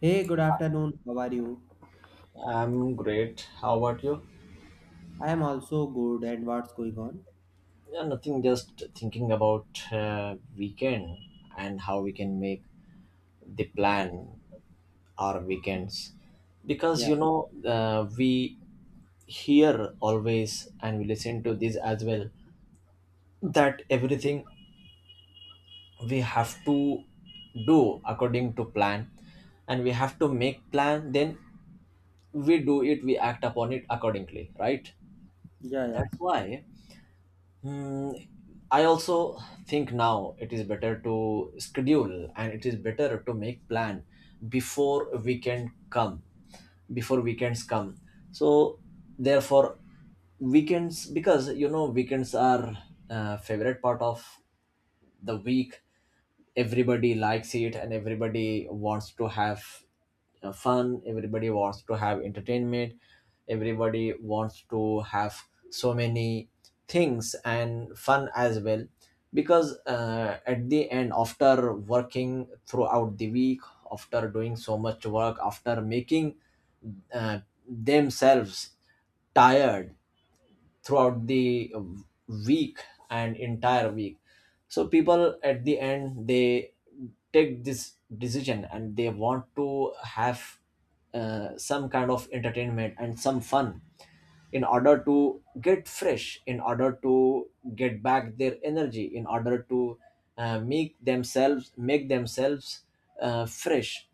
Hey, good afternoon. How are you? I'm great. How about you? I am also good. And what's going on? Yeah, nothing. Just thinking about weekend and how we can make the plan our weekends. Because Yeah, you know, we hear always and we listen to this as well that everything we have to do according to plan, and we have to make plan. Then we do it. We act upon it accordingly, right? yeah, yeah. That's why Hmm. I also think now it is better to schedule and it is better to make plan before weekend come before weekends come. So therefore weekends because you know weekends are favorite part of the week. Everybody likes it and everybody wants to have fun, everybody wants to have entertainment, everybody wants to have so many things and fun as well. Because at the end, after working throughout the week, after doing so much work, after making uh, themselves tired throughout the week and entire week, so people at the end they take this decision and they want to have some kind of entertainment and some fun in order to get fresh, in order to get back their energy, in order to make themselves fresh,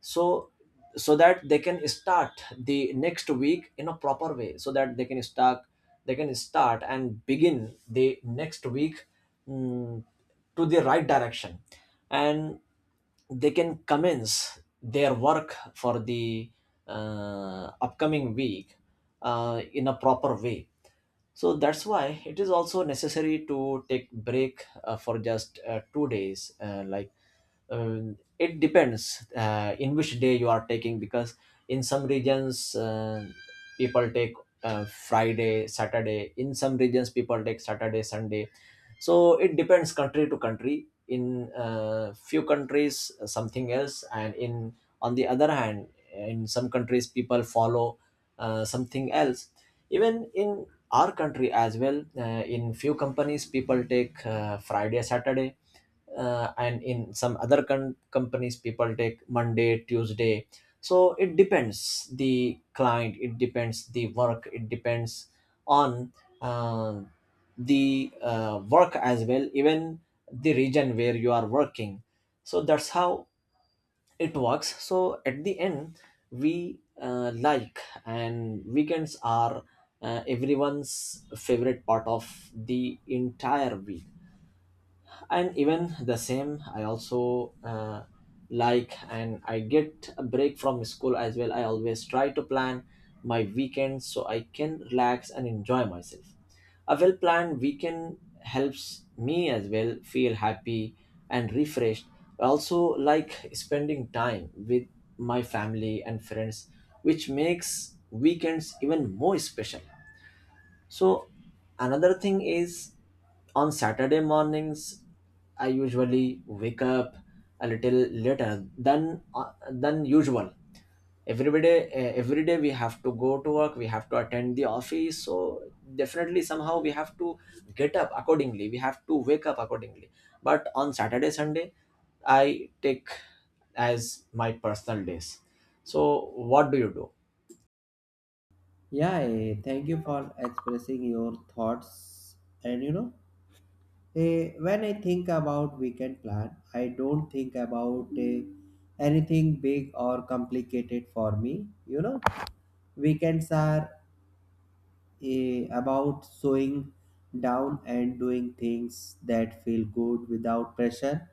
so so that they can start the next week in a proper way, so that they can start and begin the next week mm, to the right direction, and they can commence their work for the upcoming week in a proper way. So that's why it is also necessary to take break for just 2 days like it depends in which day you are taking. Because in some regions people take Friday, Saturday, in some regions people take Saturday, Sunday. So it depends country to country. In few countries something else, and in on the other hand in some countries people follow something else. Even in our country as well, in few companies people take Friday, Saturday, and in some other companies people take Monday, Tuesday. So it depends the client, it depends the work, it depends on uh, the work as well, even the region where you are working. So that's how it works. So at the end we like and weekends are everyone's favorite part of the entire week. And even the same I also like, and I get a break from school as well. I always try to plan my weekends so I can relax and enjoy myself. A well planned weekend helps me as well feel happy and refreshed. I also like spending time with my family and friends, which makes weekends even more special. So another thing is, on Saturday mornings, I usually wake up a little later than usual. Every day, every day we have to go to work. We have to attend the office. So definitely, somehow we have to get up accordingly. We have to wake up accordingly. But on Saturday, Sunday, I take as my personal days. So what do you do? Yeah, thank you for expressing your thoughts. And you know, when I think about weekend plan, I don't think about anything big or complicated for me. You know, weekends are about slowing down and doing things that feel good without pressure.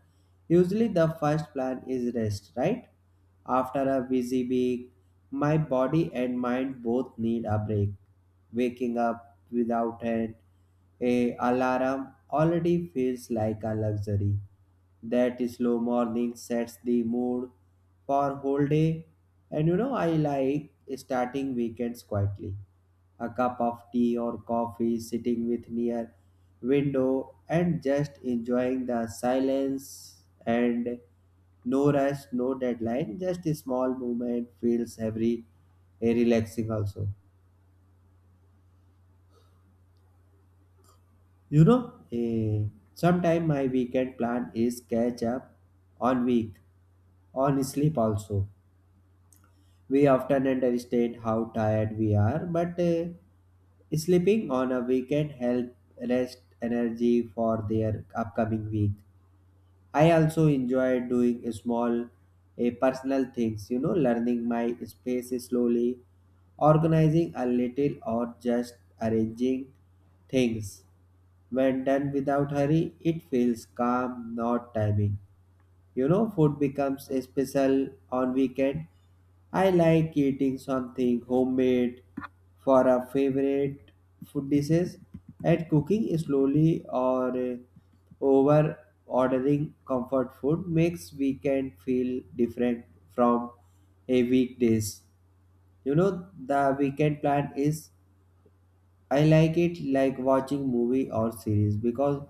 Usually, the first plan is rest, right? After a busy week, my body and mind both need a break. Waking up without an a alarm already feels like a luxury. That slow morning sets the mood for whole day, and you know I like starting weekends quietly a cup of tea or coffee, sitting with near window and just enjoying the silence and no rush, no deadline, just a small movement feels every relaxing also. You know, sometime my weekend plan is catch up on week, on sleep also. We often underestimate how tired we are, but sleeping on a weekend help rest energy for their upcoming week. I also enjoy doing small personal things, you know, learning my space slowly, organizing a little, or just arranging things. When done without hurry, it feels calm, not timing. You know, food becomes special on weekend. I like eating something homemade for a favorite food dishes and cooking slowly or over ordering comfort food makes weekend feel different from a weekdays. You know, the weekend plan is I like it like watching movie or series because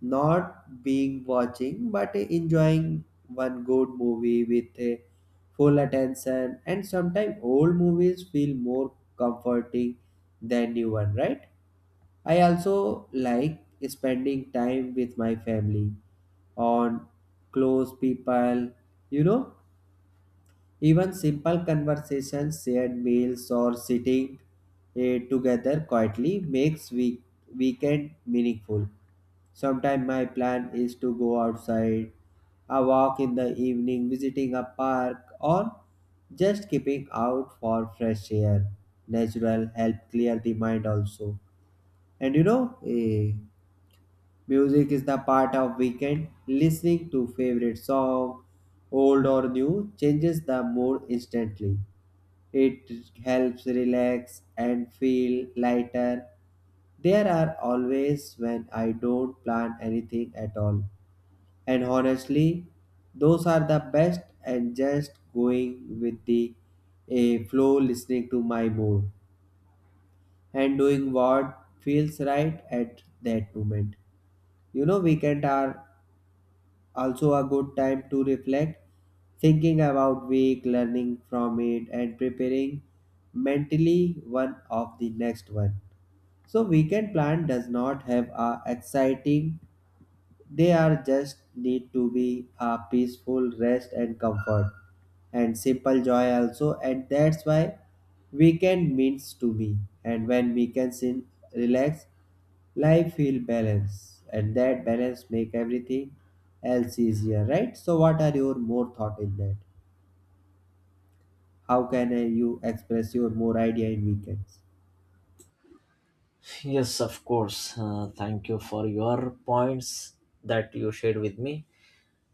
not being watching but enjoying one good movie with a full attention, and sometimes old movies feel more comforting than new one, right? I also like spending time with my family on close people, you know, even simple conversations, shared meals, or sitting together quietly makes weekend meaningful. Sometimes my plan is to go outside, a walk in the evening, visiting a park, or just keeping out for fresh air. Natural help clear the mind also. And you know, music is the part of weekend. Listening to favorite song, old or new, changes the mood instantly. It helps relax and feel lighter. There are always when I don't plan anything at all. And honestly, those are the best and just going with the a flow listening to my mood and doing what feels right at that moment. You know weekend are also a good time to reflect, thinking about week, learning from it, and preparing mentally one of the next one. So weekend plan does not have a exciting. They are just need to be a peaceful rest and comfort and simple joy also, and that's why weekend means to me. And when weekends in relax life feel balance, and that balance make everything else easier, right? So what are your more thought in that? How can you express your more idea in weekends? Yes, of course. Thank you for your points that you shared with me.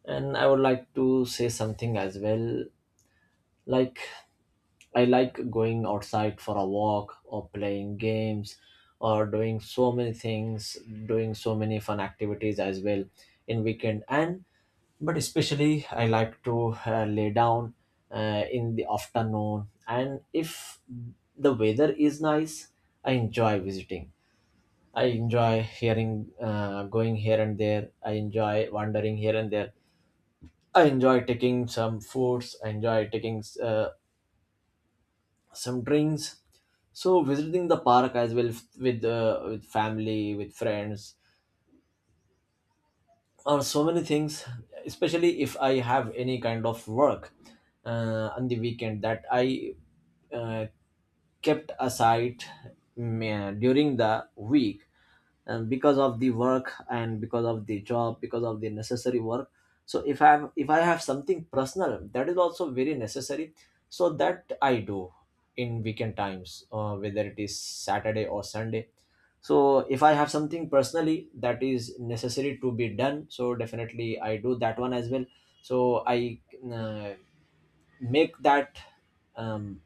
And I would like to say something as well. Like, I like going outside for a walk or playing games or doing so many things, doing so many fun activities as well in weekend. And but especially I like to lay down in the afternoon. And if the weather is nice, I enjoy visiting I enjoy hearing, going here and there. I enjoy wandering here and there. I enjoy taking some foods. I enjoy taking some drinks. So visiting the park as well with family, with friends, or so many things. Especially if I have any kind of work on the weekend that I uh, kept aside during the week and because of the work and because of the job, because of the necessary work. So if I have, if I have something personal that is also very necessary, so that I do in weekend times, whether it is Saturday or Sunday. So if I have something personally that is necessary to be done, so definitely I do that one as well. So I uh, make that um,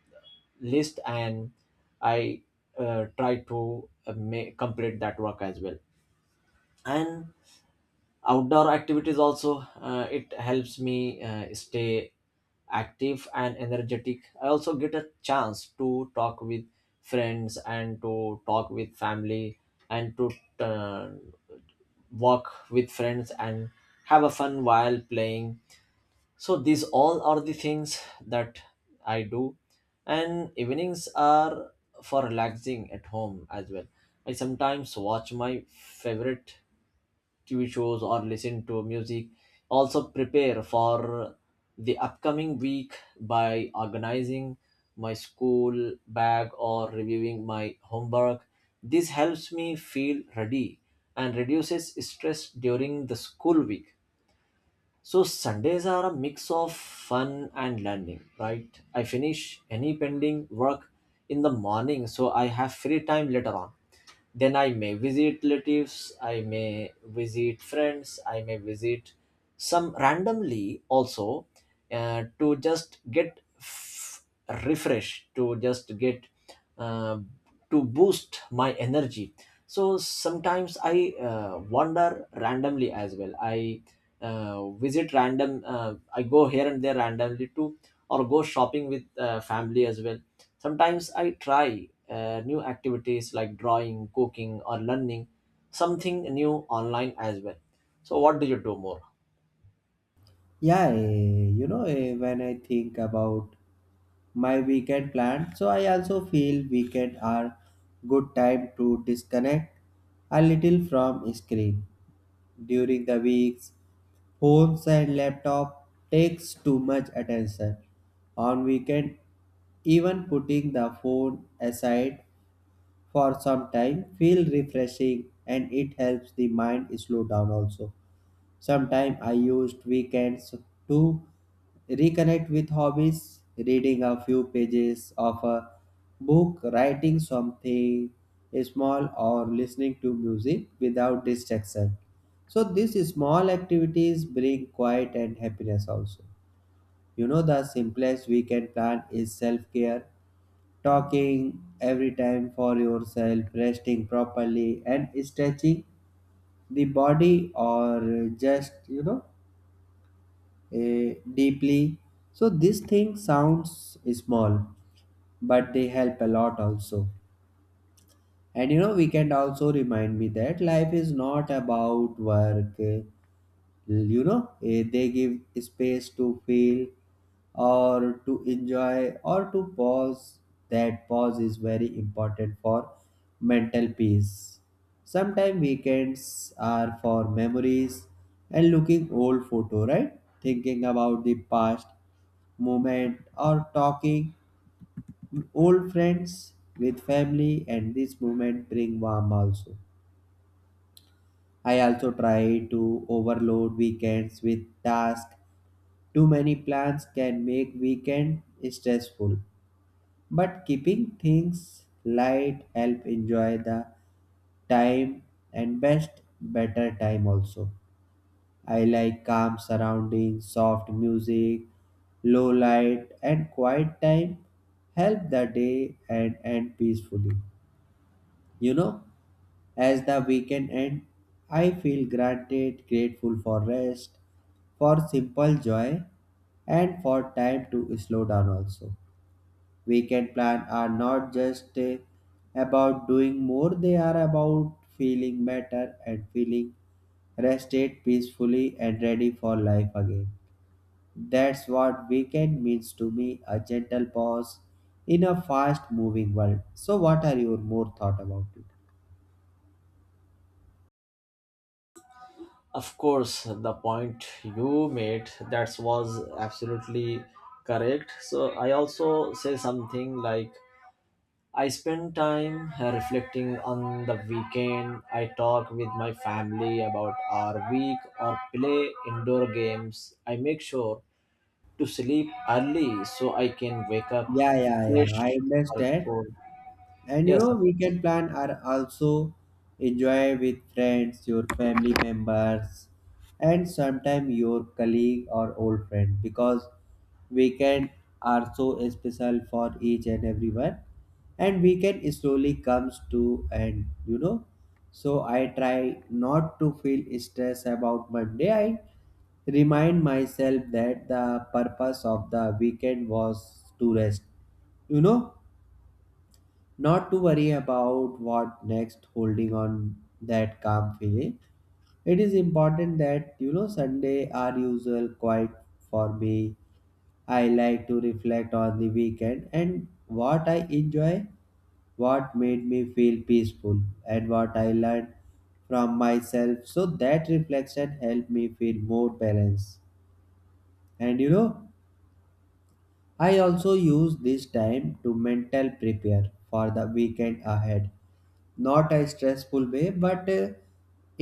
list, and I try to complete that work as well. And outdoor activities also, it helps me stay active and energetic. I also get a chance to talk with friends and to talk with family, and to uh, walk with friends and have a fun while playing. So these all are the things that I do. And evenings are for relaxing at home as well. I sometimes watch my favorite TV shows or listen to music. Also, prepare for the upcoming week by organizing my school bag or reviewing my homework. This helps me feel ready and reduces stress during the school week. So Sundays are a mix of fun and learning, right? I finish any pending work in the morning, so I have free time later on. Then I may visit relatives, I may visit friends, I may visit some randomly also to just get refresh, to just get uh, to boost my energy. So sometimes I wander randomly as well. I visit random I go here and there randomly too, or go shopping with family as well. Sometimes I try new activities like drawing, cooking, or learning something new online as well. So what do you do more? Yeah, you know, when I think about my weekend plan, so I also feel weekend are good time to disconnect a little from screen during the weeks. Phones and laptop takes too much attention. On weekend, even putting the phone aside for some time feel refreshing, and it helps the mind slow down also. Sometimes I used weekends to reconnect with hobbies, reading a few pages of a book, writing something small, or listening to music without distraction. So these small activities bring quiet and happiness also. You know, the simplest weekend plan is self care, talking every time for yourself, resting properly, and stretching the body or just, you know, deeply. So this thing sounds small, but they help a lot also. And you know, weekend also remind me that life is not about work. You know, they give space to feel or to enjoy or to pause. That pause is very important for mental peace. Sometimes weekends are for memories and looking old photo, right? Thinking about the past moment or talking old friends with family, and this moment bring warm also. I also try to overload weekends with tasks. Too many plans can make weekend stressful, but keeping things light help enjoy the time and best better time also. I like calm surroundings, soft music, low light and quiet time help the day and end peacefully. You know? As the weekend ends, I feel granted, grateful for rest, for simple joy, and for time to slow down also. Weekend plans are not just about doing more, they are about feeling better and feeling rested peacefully and ready for life again. That's what weekend means to me, a gentle pause in a fast moving world. So what are your more thought about it? Of course, the point you made that was absolutely correct. So I also say something like, I spend time reflecting on the weekend. I talk with my family about our week or play indoor games. I make sure to sleep early so I can wake up Yeah, yeah, yeah. I fresh for understand. school. And you Yes, know, weekend plan are also enjoy with friends, your family members, and sometimes your colleague or old friend because weekend are so special for each and everyone. And weekend slowly comes to end, you know. So I try not to feel stress about Monday. I remind myself that the purpose of the weekend was to rest, you know, not to worry about what next holding on that calm feeling. It is important that, you know, Sunday are usual quiet for me. I like to reflect on the weekend and what I enjoy, what made me feel peaceful, and what I learned from myself, so that reflection helped me feel more balanced. And you know, I also use this time to mental prepare for the weekend ahead, not a stressful way, but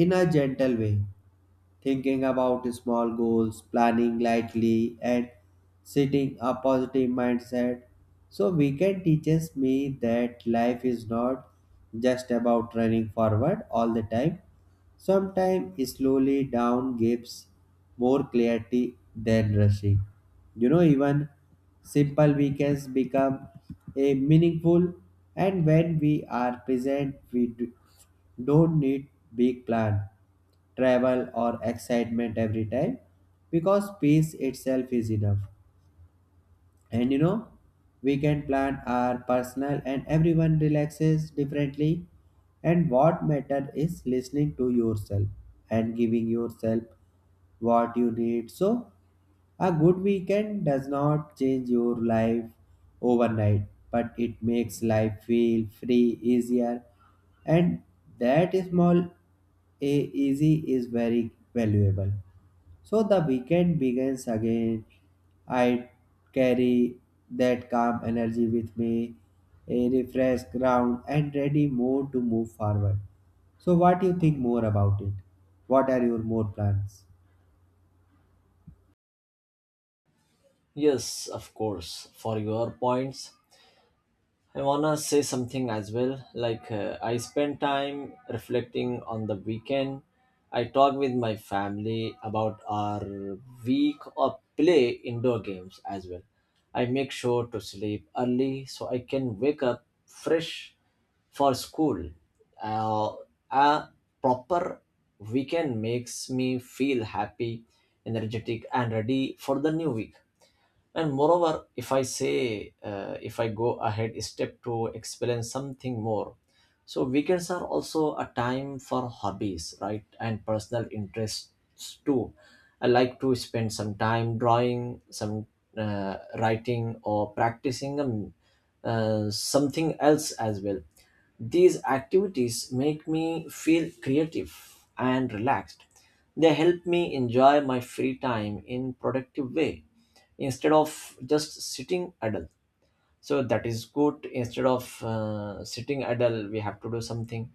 in a gentle way, thinking about small goals, planning lightly, and setting a positive mindset. So, weekend teaches me that life is not just about running forward all the time. Sometimes slowly down gives more clarity than rushing. You know, even simple weekends become a meaningful, and when we are present, we do, don't need big plan travel or excitement every time because peace itself is enough. And you know, we can plan our personal and everyone relaxes differently, and what matter is listening to yourself and giving yourself what you need. So a good weekend does not change your life overnight, but it makes life feel free easier, and that small a easy is very valuable. So the weekend begins again. I carry that calm energy with me, a refreshed ground and ready mood to move forward. So what do you think more about it? What are your more plans? yes, of course. For your points, I wanna say something as well. Like I spend time reflecting on the weekend. I talk with my family about our week or play indoor games as well. I make sure to sleep early so I can wake up fresh for school. Uh, a proper weekend makes me feel happy, energetic, and ready for the new week. And moreover, if I say, if I go ahead step to experience something more, so weekends are also a time for hobbies, right? And personal interests too. I like to spend some time drawing, some uh, writing, or practicing something else as well. These activities make me feel creative and relaxed. They help me enjoy my free time in productive way, instead of just sitting idle. So that is good, instead of sitting idle we have to do something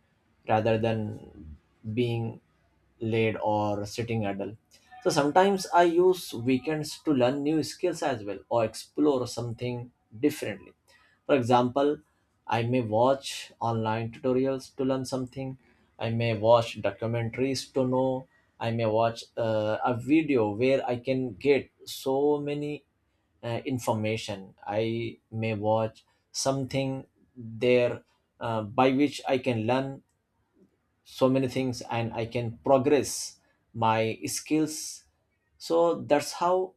rather than being laid or sitting idle. So sometimes I use weekends to learn new skills as well, or explore something differently. For example, I may watch online tutorials to learn something. I may watch documentaries to know. I may watch a video where I can get so many information. I may watch something there by which I can learn so many things and I can progress my skills. So that's how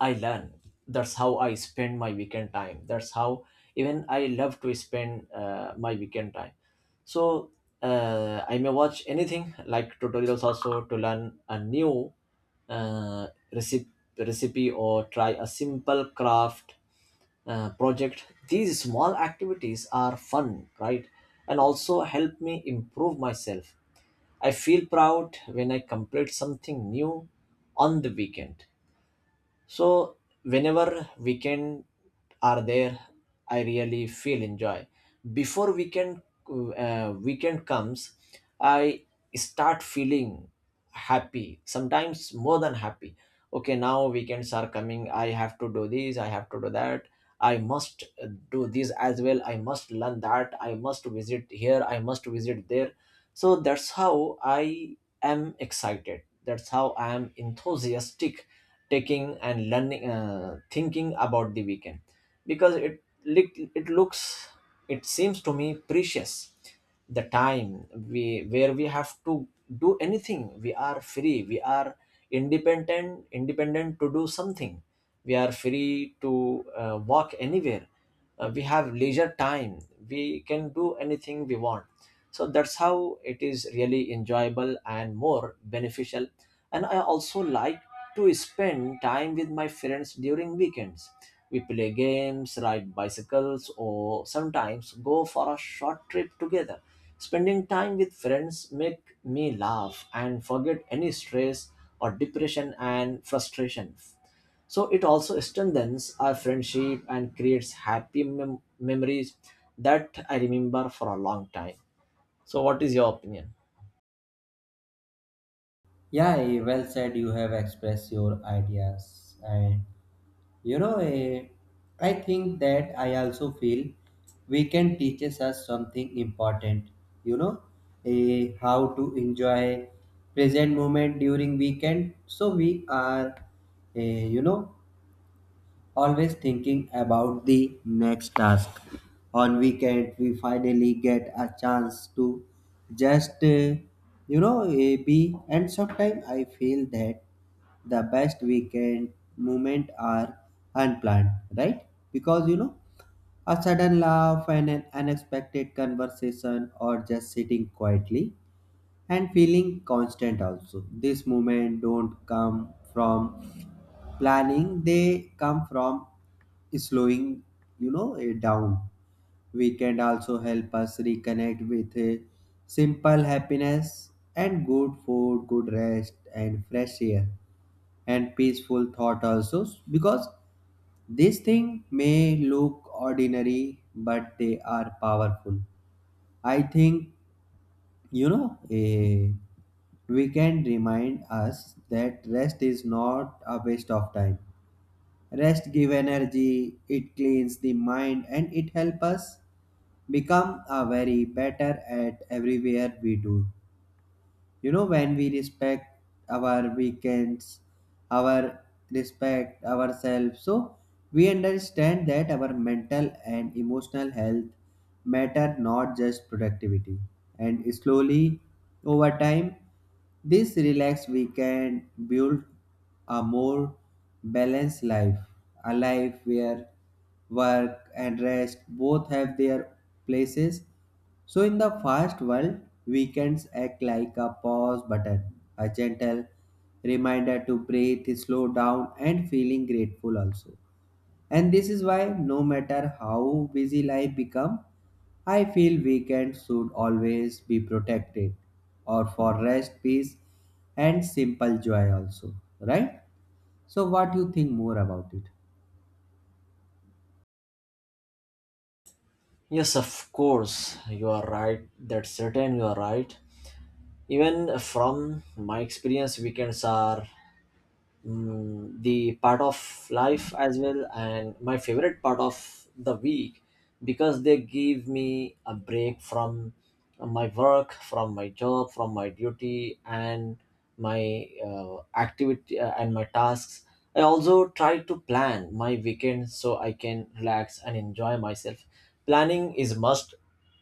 I learn. That's how I spend my weekend time. That's how even I love to spend my weekend time. So I may watch anything like tutorials also to learn a new uh, recipe, recipe, or try a simple craft project. These small activities are fun, right? And also help me improve myself. I feel proud when I complete something new on the weekend. So whenever weekend are there, I really feel enjoy. Before weekend weekend comes, I start feeling happy. Sometimes more than happy. Okay, now weekends are coming. I have to do this. I have to do that. I must do this as well. I must learn that. I must visit here. I must visit there. So that's how I am excited. That's how I am enthusiastic taking and learning, thinking about the weekend, because it it looks, it seems to me precious. The time we where we have to do anything, we are free, we are independent to do something. We are free to walk anywhere. We have leisure time, we can do anything we want. So that's how it is really enjoyable and more beneficial. And I also like to spend time with my friends during weekends. We play games, ride bicycles, or sometimes go for a short trip together. Spending time with friends make me laugh and forget any stress or depression and frustration. So it also strengthens our friendship and creates happy memories that I remember for a long time. So, what is your opinion? Yeah, well said. You have expressed your ideas, and you know I think that I also feel weekend teaches us something important. You know, how to enjoy present moment during weekend so we are you know, always thinking about the next task. On weekend, we finally get a chance to just, you know, be. And sometimes I feel that the best weekend moment are unplanned, right? Because you know, a sudden laugh and an unexpected conversation, or just sitting quietly and feeling constant also. This moment don't come from planning, they come from slowing, you know, it down. Weekend also help us reconnect with a simple happiness and good food, good rest and fresh air and peaceful thought also because this thing may look ordinary but they are powerful. I think, you know, a we can remind us that rest is not a waste of time. Rest give energy, it cleans the mind, and it helps us become a very better at everywhere we do. You know, when we respect our weekends, our respect ourselves, so we understand that our mental and emotional health matter, not just productivity. And slowly, over time, this relaxed weekend build a more balanced life, a life where work and rest both have their places. So, in the fast world, weekends act like a pause button, a gentle reminder to breathe, slow down, and feeling grateful also. And this is why, no matter how busy life become, I feel weekends should always be protected, or for rest, peace, and simple joy also, right? So, what you think more about it? Yes, of course, you are right. That's certain, you are right. Even from my experience, weekends are the part of life as well and my favorite part of the week because they give me a break from my work, from my job, from my duty and my activity and my tasks. I also try to plan my weekend so I can relax and enjoy myself. Planning is must.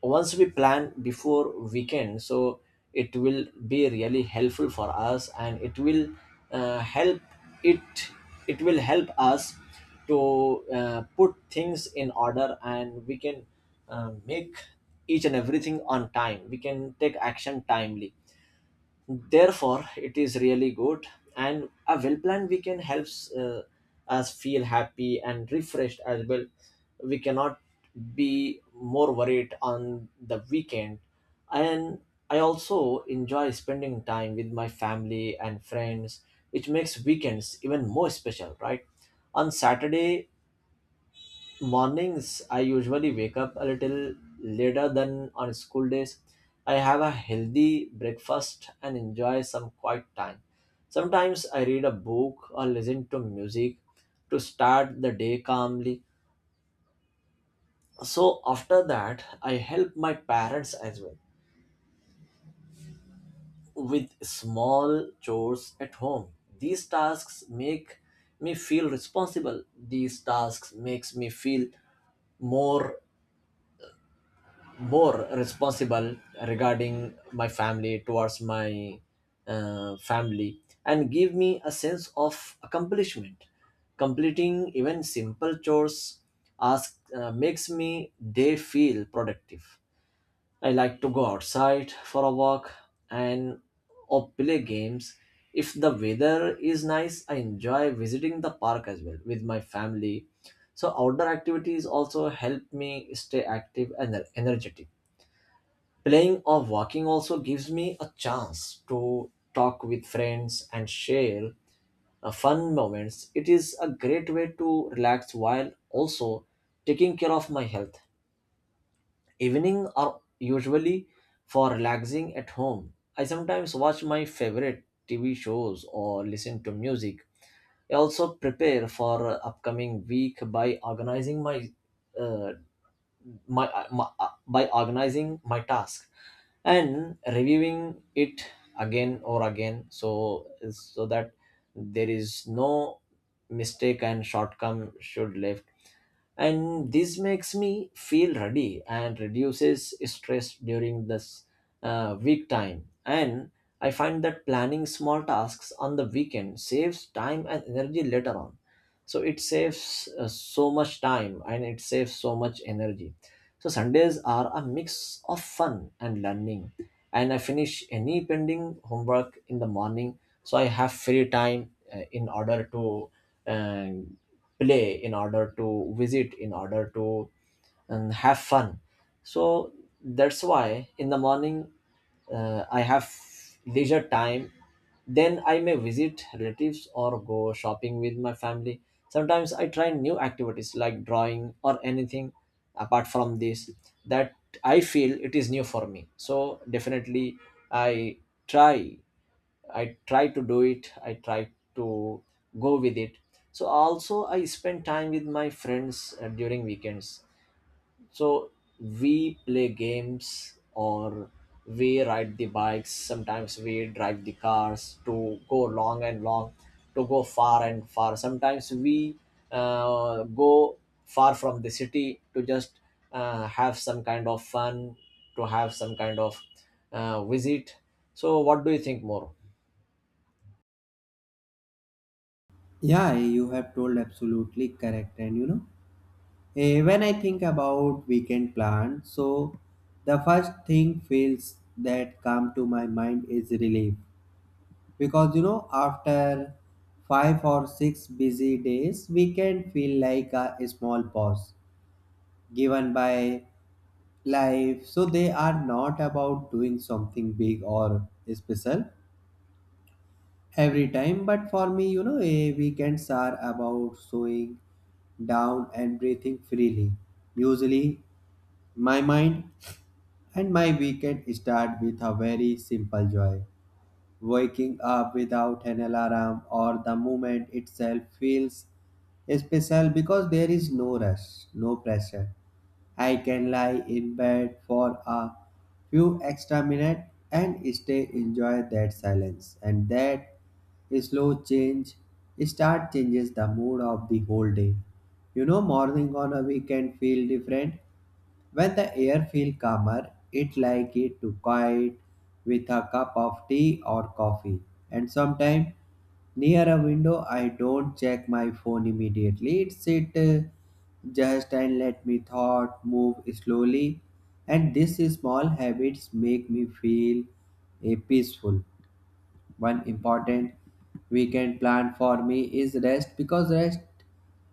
Once we plan before weekend, so it will be really helpful for us and it will help it it will help us to put things in order and we can make each and everything on time, we can take action timely. Therefore it is really good, and a well-planned weekend helps us feel happy and refreshed as well. We cannot be more worried on the weekend. And I also enjoy spending time with my family and friends, which makes weekends even more special, right? On Saturday mornings, I usually wake up a little later than on school days. I have a healthy breakfast and enjoy some quiet time. Sometimes I read a book or listen to music to start the day calmly. So, after that, I help my parents as well with small chores at home. These tasks make me feel responsible. These tasks makes me feel more more responsible regarding my family, towards my family, and give me a sense of accomplishment. Completing even simple chores ask, makes me day feel productive. I like to go outside for a walk and or play games. If the weather is nice, I enjoy visiting the park as well with my family. So outdoor activities also help me stay active and energetic. Playing or walking also gives me a chance to talk with friends and share fun moments. It is a great way to relax while also taking care of my health. Evening are usually for relaxing at home. I sometimes watch my favorite TV shows or listen to music. I also prepare for upcoming week by organizing my uh, by organizing my task and reviewing it again or again, so so that there is no mistake and shortcome should left. And this makes me feel ready and reduces stress during this week time. And I find that planning small tasks on the weekend saves time and energy later on. So it saves so much time and it saves so much energy. So Sundays are a mix of fun and learning, and I finish any pending homework in the morning, so I have free time in order to uh, play, in order to visit, in order to have fun. So that's why in the morning I have leisure time, then I may visit relatives or go shopping with my family. Sometimes I try new activities like drawing or anything apart from this that I feel it is new for me. So definitely I try I try to do it. I try to go with it. So also I spend time with my friends during weekends. So we play games or we ride the bikes. Sometimes we drive the cars to go long and long, to go far and far. Sometimes we go far from the city to just have some kind of fun, to have some kind of visit. So, what do you think more? Yeah, you have told absolutely correct, and you know when I think about weekend plan, so the first thing feels that come to my mind is relief because you know after five or six busy days, weekend feel like a small pause given by life. So they are not about doing something big or special every time, but for me, you know, weekends are about slowing down and breathing freely. Usually, my mind and my weekend start with a very simple joy. Waking up without an alarm or the moment itself feels special because there is no rush, no pressure. I can lie in bed for a few extra minutes and stay enjoy that silence, and that slow change start changes the mood of the whole day. You know morning on a weekend feel different when the air feel calmer, it like it to quiet with a cup of tea or coffee. And sometimes near a window, I don't check my phone immediately. It sit just and let me thought move slowly. And these small habits make me feel peaceful. One important weekend plan for me is rest because rest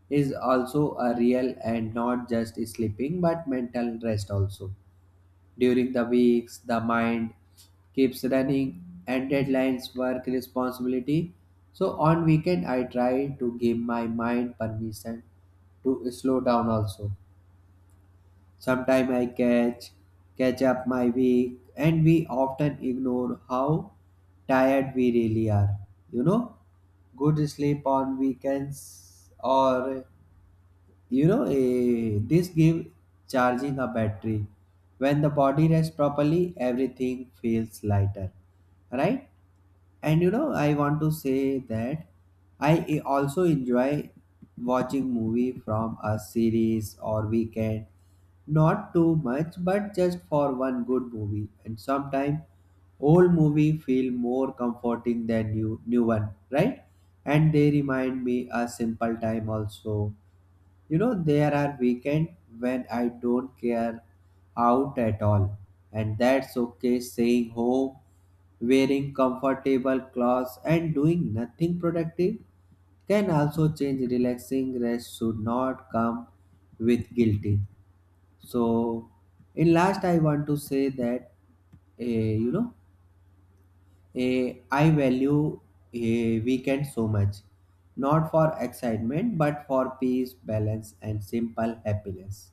is also a real and not just sleeping but mental rest also. During the weeks, the mind keeps running and deadlines work responsibility. So on weekend I try to give my mind permission to slow down also. Sometimes I catch up my week, and we often ignore how tired we really are. You know, good sleep on weekends or you know this give charging a battery. When the body rests properly, everything feels lighter, right? And you know, I want to say that I also enjoy watching movie from a series or weekend not too much, but just for one good movie. And sometimes old movie feel more comforting than new one, right? And they remind me a simple time also. You know, there are weekend when I don't care out at all. And that's okay staying home, wearing comfortable clothes and doing nothing productive can also change relaxing rest should not come with guilty. So, in last, I want to say that eh, you know I value a weekend so much, not for excitement but for peace, balance, and simple happiness.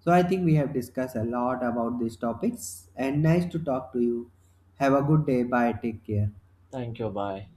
So I think we have discussed a lot about these topics, and nice to talk to you. Have a good day. Bye. Take care. Thank you. Bye.